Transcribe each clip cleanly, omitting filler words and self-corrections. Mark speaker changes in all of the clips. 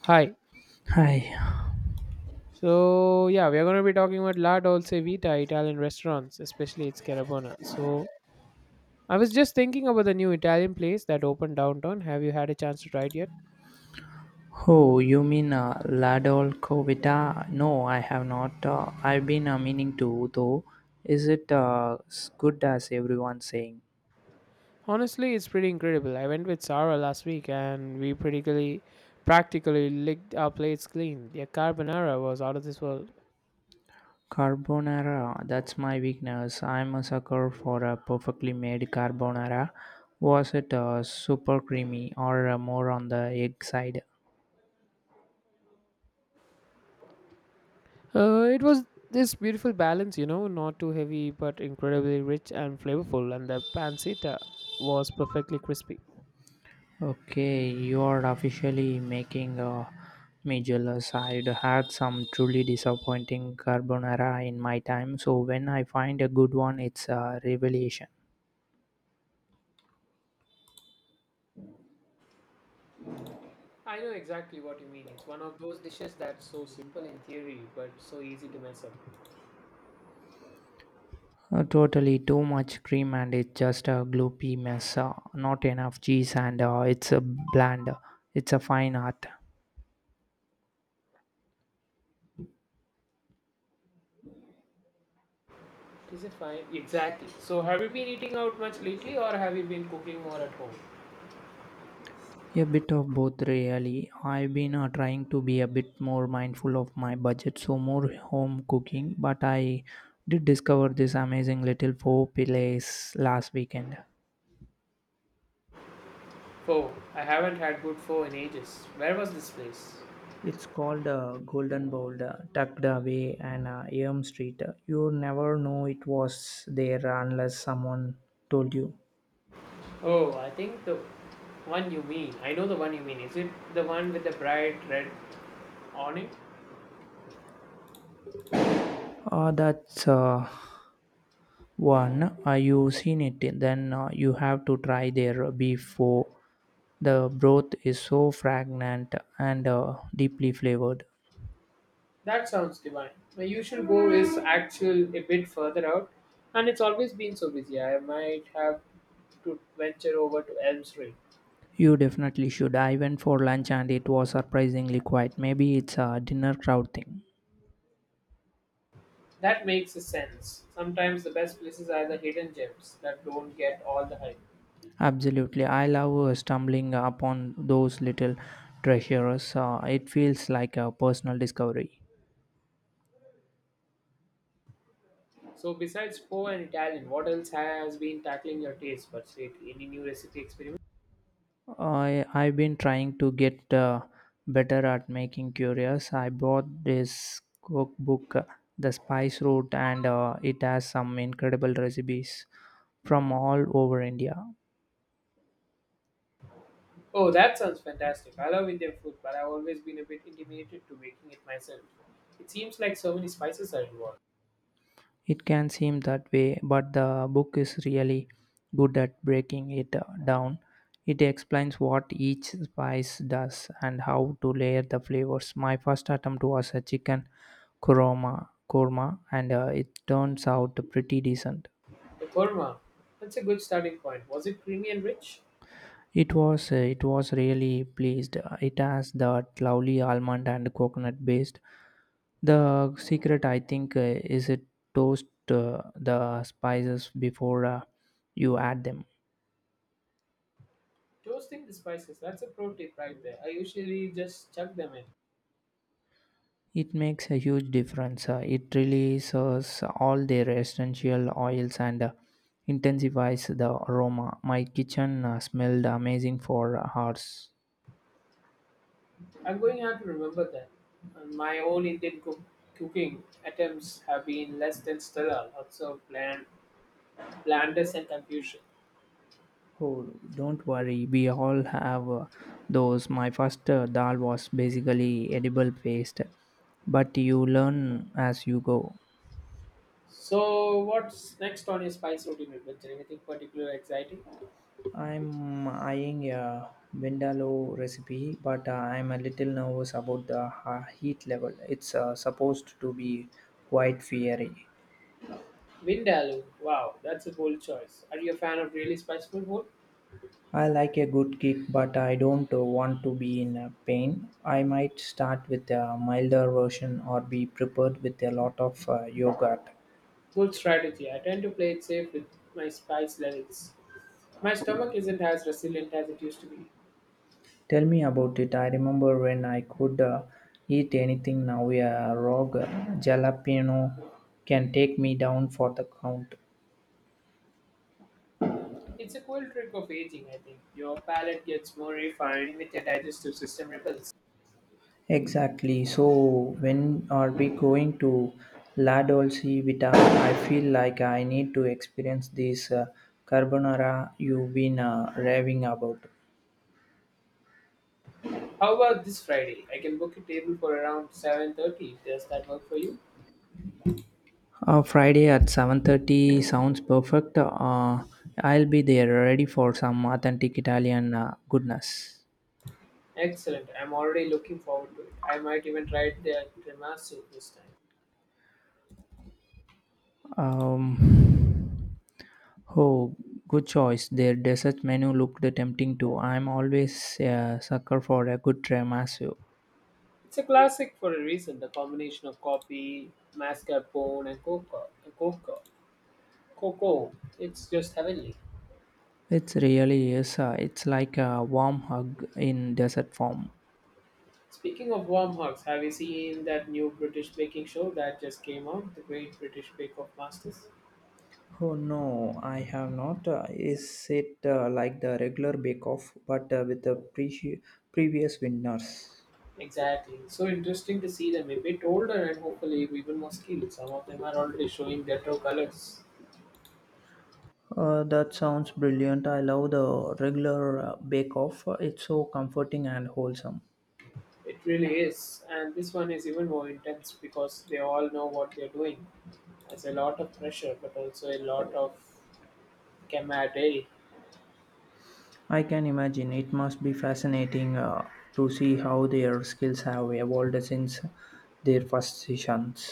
Speaker 1: Hi.
Speaker 2: Hi.
Speaker 1: So yeah, we are going to be talking about La Dolce Vita Italian restaurants, especially its Carabona. So I was just thinking about the new Italian place that opened downtown. Have you had a chance to try it yet?
Speaker 2: Oh, you mean Ladol Covita? No, I have not. I've been meaning to, though. Is it as good as everyone's saying?
Speaker 1: Honestly, it's pretty incredible. I went with Sarah last week and we practically licked our plates clean. The carbonara was out of this world.
Speaker 2: Carbonara, that's my weakness. I'm a sucker for a perfectly made carbonara. Was it super creamy or more on the egg side?
Speaker 1: It was this beautiful balance, you know, not too heavy but incredibly rich and flavorful, and the pancetta was perfectly crispy.
Speaker 2: Okay, you are officially making me jealous. I'd had some truly disappointing carbonara in my time, so when I find a good one, it's a revelation.
Speaker 1: I know exactly what you mean. It's one of those dishes that's so simple in theory, but so easy to mess up.
Speaker 2: Totally too much cream and it's just a gloopy mess. Not enough cheese and it's a bland. It's a fine art.
Speaker 1: Is it fine? Exactly. So, have you been eating out much lately, or have you been cooking more at home?
Speaker 2: A bit of both, really. I've been trying to be a bit more mindful of my budget, so more home cooking. But I did discover this amazing little four place last weekend.
Speaker 1: Pho. I haven't had good pho in ages. Where was this place?
Speaker 2: It's called Golden Bowl, tucked away and Elm Street. You never know it was there unless someone told you.
Speaker 1: Oh, I think the one you mean. I know the one you mean. Is it the one with the bright red on it?
Speaker 2: That's one, you've seen it, then you have to try their before. The broth is so fragrant and deeply flavored.
Speaker 1: That sounds divine. My usual go is actual a bit further out, and it's always been so busy. I might have to venture over to Elm Street.
Speaker 2: You definitely should. I went for lunch and it was surprisingly quiet. Maybe it's a dinner crowd thing.
Speaker 1: That makes sense. Sometimes the best places are the hidden gems that don't get all the hype.
Speaker 2: Absolutely. I love stumbling upon those little treasures. It feels like a personal discovery.
Speaker 1: So, besides Po and Italian, what else has been tackling your taste buds lately? Any new recipe experiment?
Speaker 2: I've been trying to get better at making curious. I bought this cookbook, The Spice Route, and it has some incredible recipes from all over India.
Speaker 1: Oh, that sounds fantastic. I love Indian food, but I've always been a bit intimidated to making it myself. It seems like so many spices are involved.
Speaker 2: It can seem that way, but the book is really good at breaking it down. It explains what each spice does and how to layer the flavors. My first attempt was a chicken korma, and it turns out pretty decent.
Speaker 1: The korma, that's a good starting point. Was it creamy and rich?
Speaker 2: It was really pleased. It has that lovely almond and coconut based. The secret, I think, is it toast the spices before you add them.
Speaker 1: Toasting the spices, that's a pro tip right there. I usually just chuck them in.
Speaker 2: It makes a huge difference. It really serves all their essential oils and intensifies the aroma. My kitchen smelled amazing for hours.
Speaker 1: I'm going to have to remember that. And my own cooking attempts have been less than stellar, lots of blandness and confusion.
Speaker 2: Oh, don't worry. We all have those. My first dal was basically edible paste, but you learn as you go.
Speaker 1: So, what's next on your spice routine adventure? Anything particularly exciting?
Speaker 2: I'm eyeing a Vindaloo recipe, but I'm a little nervous about the heat level. It's supposed to be quite fiery.
Speaker 1: Vindaloo. Wow, that's a bold choice. Are you a fan of really spiceful food?
Speaker 2: I like a good kick, but I don't want to be in pain. I might start with a milder version or be prepared with a lot of yogurt.
Speaker 1: Good strategy. I tend to play it safe with my spice levels. My stomach isn't as resilient as it used to be.
Speaker 2: Tell me about it. I remember when I could eat anything now. A rogue jalapeno can take me down for the count.
Speaker 1: It's a cool trick of aging, I think. Your palate gets more refined with your digestive system rebels.
Speaker 2: Exactly. So, when are we going to La Dolce Vita? I feel like I need to experience this carbonara you've been raving about.
Speaker 1: How about this Friday? I can book a table for around 7:30. Does that work for you?
Speaker 2: Friday at 7:30 sounds perfect. I'll be there ready for some authentic Italian goodness.
Speaker 1: Excellent. I'm already looking forward to it. I might even try the tiramisu this time.
Speaker 2: Um, oh, good choice. Their dessert menu looked tempting too. I'm always a sucker for a good tiramisu.
Speaker 1: It's a classic for a reason. The combination of coffee, mascarpone, and Cocoa. cocoa. It's just heavenly.
Speaker 2: It really is. It's like a warm hug in dessert form.
Speaker 1: Speaking of warm hugs, have you seen that new British baking show that just came out? The Great British Bake Off Masters?
Speaker 2: Oh no, I have not. Is it like the regular Bake Off, but with the previous winners?
Speaker 1: Exactly. So interesting to see them a bit older and hopefully even more skilled. Some of them are already showing their true colors.
Speaker 2: That sounds brilliant. I love the regular Bake Off. It's so comforting and wholesome.
Speaker 1: It really is. And this one is even more intense because they all know what they're doing. There's a lot of pressure, but also a lot of camaraderie.
Speaker 2: I can imagine it must be fascinating to see how their skills have evolved since their first sessions.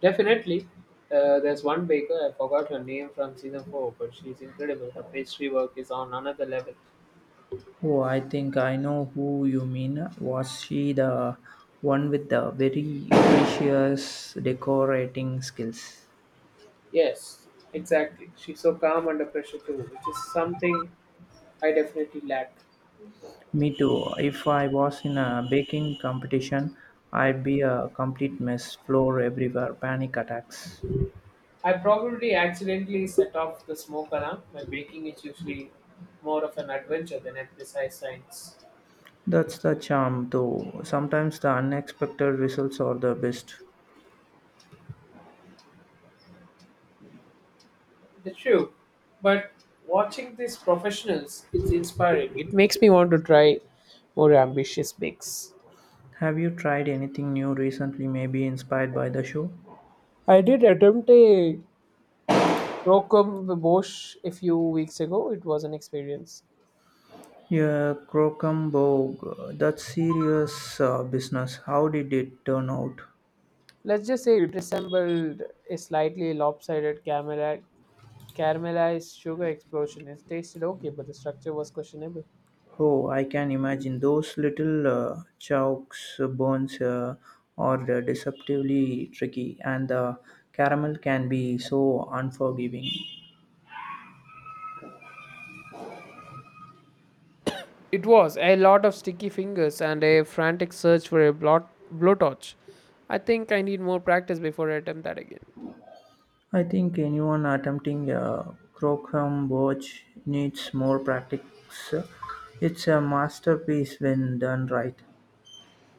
Speaker 1: Definitely. There's one baker, I forgot her name from season 4, but she's incredible. Her pastry work is on another level.
Speaker 2: Oh, I think I know who you mean. Was she the one with the very precious decorating skills?
Speaker 1: Yes, exactly. She's so calm under pressure too, which is something I definitely lack.
Speaker 2: Me too. If I was in a baking competition, I'd be a complete mess, floor everywhere, panic attacks.
Speaker 1: I probably accidentally set off the smoke alarm. My baking is usually more of an adventure than a precise science.
Speaker 2: That's the charm, though. Sometimes the unexpected results are the best.
Speaker 1: That's true, but watching these professionals is inspiring. It makes me want to try more ambitious bakes.
Speaker 2: Have you tried anything new recently, maybe inspired by the show?
Speaker 1: I did attempt a croquembouche boche a few weeks ago. It was an experience.
Speaker 2: Yeah, Crocombogue, that's serious business. How did it turn out?
Speaker 1: Let's just say it resembled a slightly lopsided camera caramelized sugar explosion. It tasted okay, but the structure was questionable.
Speaker 2: Oh, I can imagine those little chalks bones are deceptively tricky, and the caramel can be so unforgiving.
Speaker 1: It was a lot of sticky fingers and a frantic search for a blowtorch. I think I need more practice before I attempt that again.
Speaker 2: I think anyone attempting a Crocombogue needs more practice. It's a masterpiece when done right.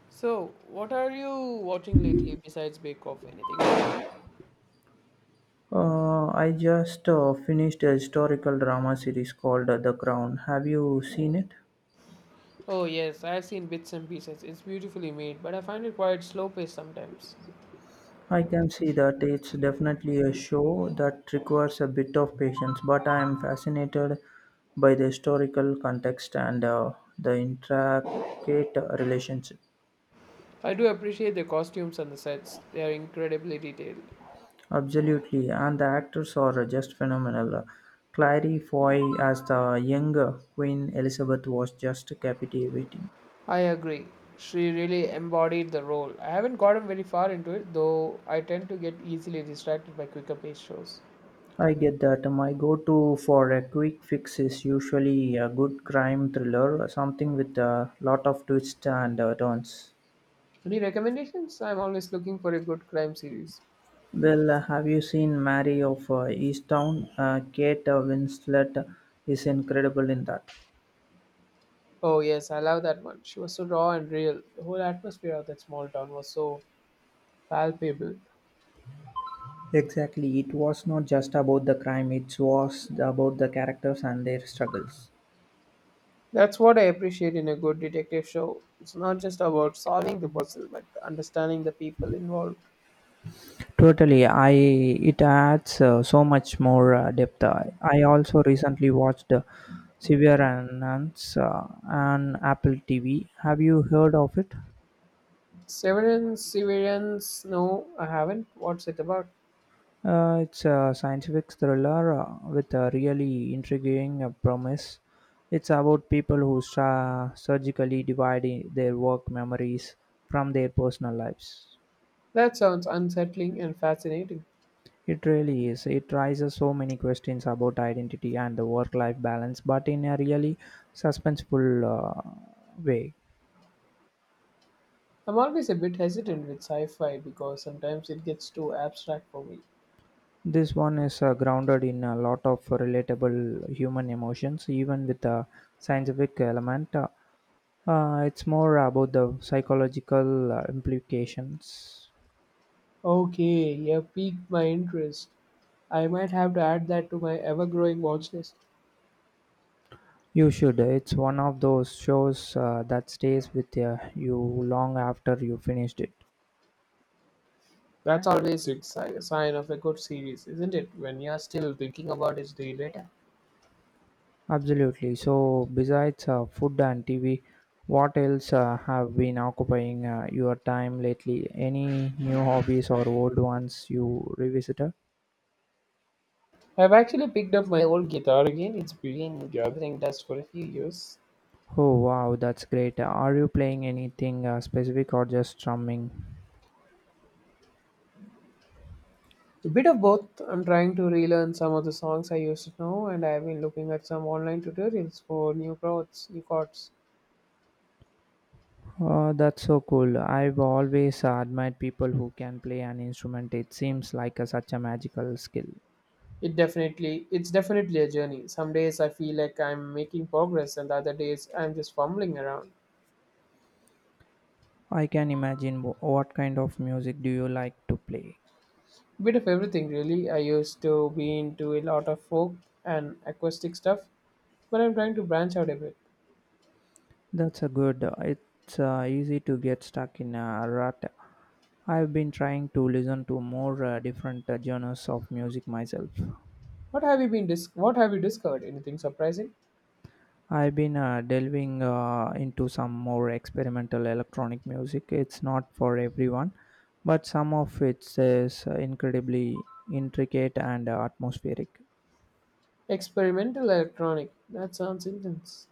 Speaker 1: So, what are you watching lately besides Bake Off? Anything good?
Speaker 2: I just finished a historical drama series called The Crown. Have you seen it?
Speaker 1: Oh, yes, I've seen bits and pieces. It's beautifully made, but I find it quite slow paced sometimes.
Speaker 2: I can see that it's definitely a show that requires a bit of patience, but I am fascinated by the historical context and the intricate relationship.
Speaker 1: I do appreciate the costumes and the sets, they are incredibly detailed.
Speaker 2: Absolutely, and the actors are just phenomenal. Clary Foy as the younger Queen Elizabeth was just captivating.
Speaker 1: I agree. She really embodied the role. I haven't gotten very far into it, though I tend to get easily distracted by quicker paced shows.
Speaker 2: I get that. My go to for a quick fix is usually a good crime thriller, something with a lot of twists and turns.
Speaker 1: Any recommendations? I'm always looking for a good crime series.
Speaker 2: Well, have you seen Mary of Easttown? Kate Winslet is incredible in that.
Speaker 1: Oh, yes, I love that one. She was so raw and real. The whole atmosphere of that small town was so palpable.
Speaker 2: Exactly. It was not just about the crime, it was about the characters and their struggles.
Speaker 1: That's what I appreciate in a good detective show. It's not just about solving the puzzle, but understanding the people involved.
Speaker 2: Totally, I it adds so much more depth. I also recently watched Severance on Apple TV. Have you heard of it?
Speaker 1: Severance, no, I haven't. What's it about?
Speaker 2: It's a scientific thriller with a really intriguing premise. It's about people who surgically divide their work memories from their personal lives.
Speaker 1: That sounds unsettling and fascinating.
Speaker 2: It really is. It raises so many questions about identity and the work life balance, but in a really suspenseful way.
Speaker 1: I'm always a bit hesitant with sci fi because sometimes it gets too abstract for me.
Speaker 2: This one is grounded in a lot of relatable human emotions, even with a scientific element. It's more about the psychological implications.
Speaker 1: Okay, you have piqued my interest. I might have to add that to my ever-growing watch list.
Speaker 2: You should. It's one of those shows that stays with you long after you finished it.
Speaker 1: That's always a sign of a good series, isn't it? When you're still thinking about it day later.
Speaker 2: Absolutely. So, besides food and TV, what else have been occupying your time lately? Any new hobbies or old ones you revisited?
Speaker 1: I've actually picked up my old guitar again. It's been gathering dust for a few years.
Speaker 2: Oh, wow, that's great. Are you playing anything specific or just strumming?
Speaker 1: A bit of both. I'm trying to relearn some of the songs I used to know, and I've been looking at some online tutorials for new chords.
Speaker 2: Oh, that's so cool. I've always admired people who can play an instrument. It seems like a, such a magical skill.
Speaker 1: It's definitely a journey. Some days I feel like I'm making progress, and the other days I'm just fumbling around.
Speaker 2: I can imagine what kind of music do you like to play?
Speaker 1: Bit of everything really. I used to be into a lot of folk and acoustic stuff, but I'm trying to branch out a bit.
Speaker 2: That's a good. It's easy to get stuck in a rut. I've been trying to listen to more different genres of music myself.
Speaker 1: What have you discovered? Anything surprising?
Speaker 2: I've been delving into some more experimental electronic music. It's not for everyone, but some of it is incredibly intricate and atmospheric.
Speaker 1: Experimental electronic, that sounds intense.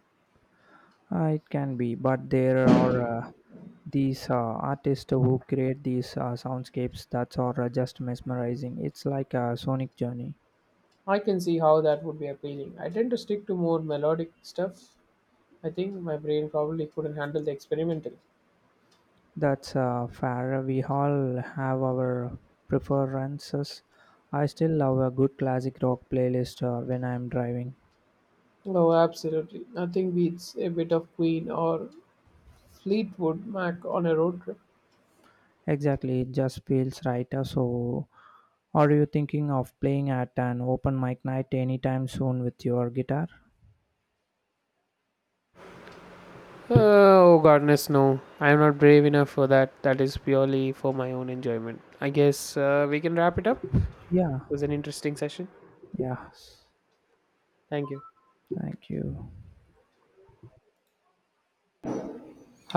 Speaker 2: It can be, but there are these artists who create these soundscapes that are just mesmerizing. It's like a sonic journey.
Speaker 1: I can see how that would be appealing. I tend to stick to more melodic stuff. I think my brain probably couldn't handle the experimental.
Speaker 2: That's fair. We all have our preferences. I still love a good classic rock playlist when I'm driving.
Speaker 1: Oh, absolutely, nothing beats a bit of Queen or Fleetwood Mac on a road trip.
Speaker 2: Exactly, it just feels right. So, are you thinking of playing at an open mic night anytime soon with your guitar?
Speaker 1: Oh goodness, no! I am not brave enough for that. That is purely for my own enjoyment. I guess we can wrap it up.
Speaker 2: Yeah,
Speaker 1: It was an interesting session.
Speaker 2: yeah.
Speaker 1: Thank you.
Speaker 2: Thank you.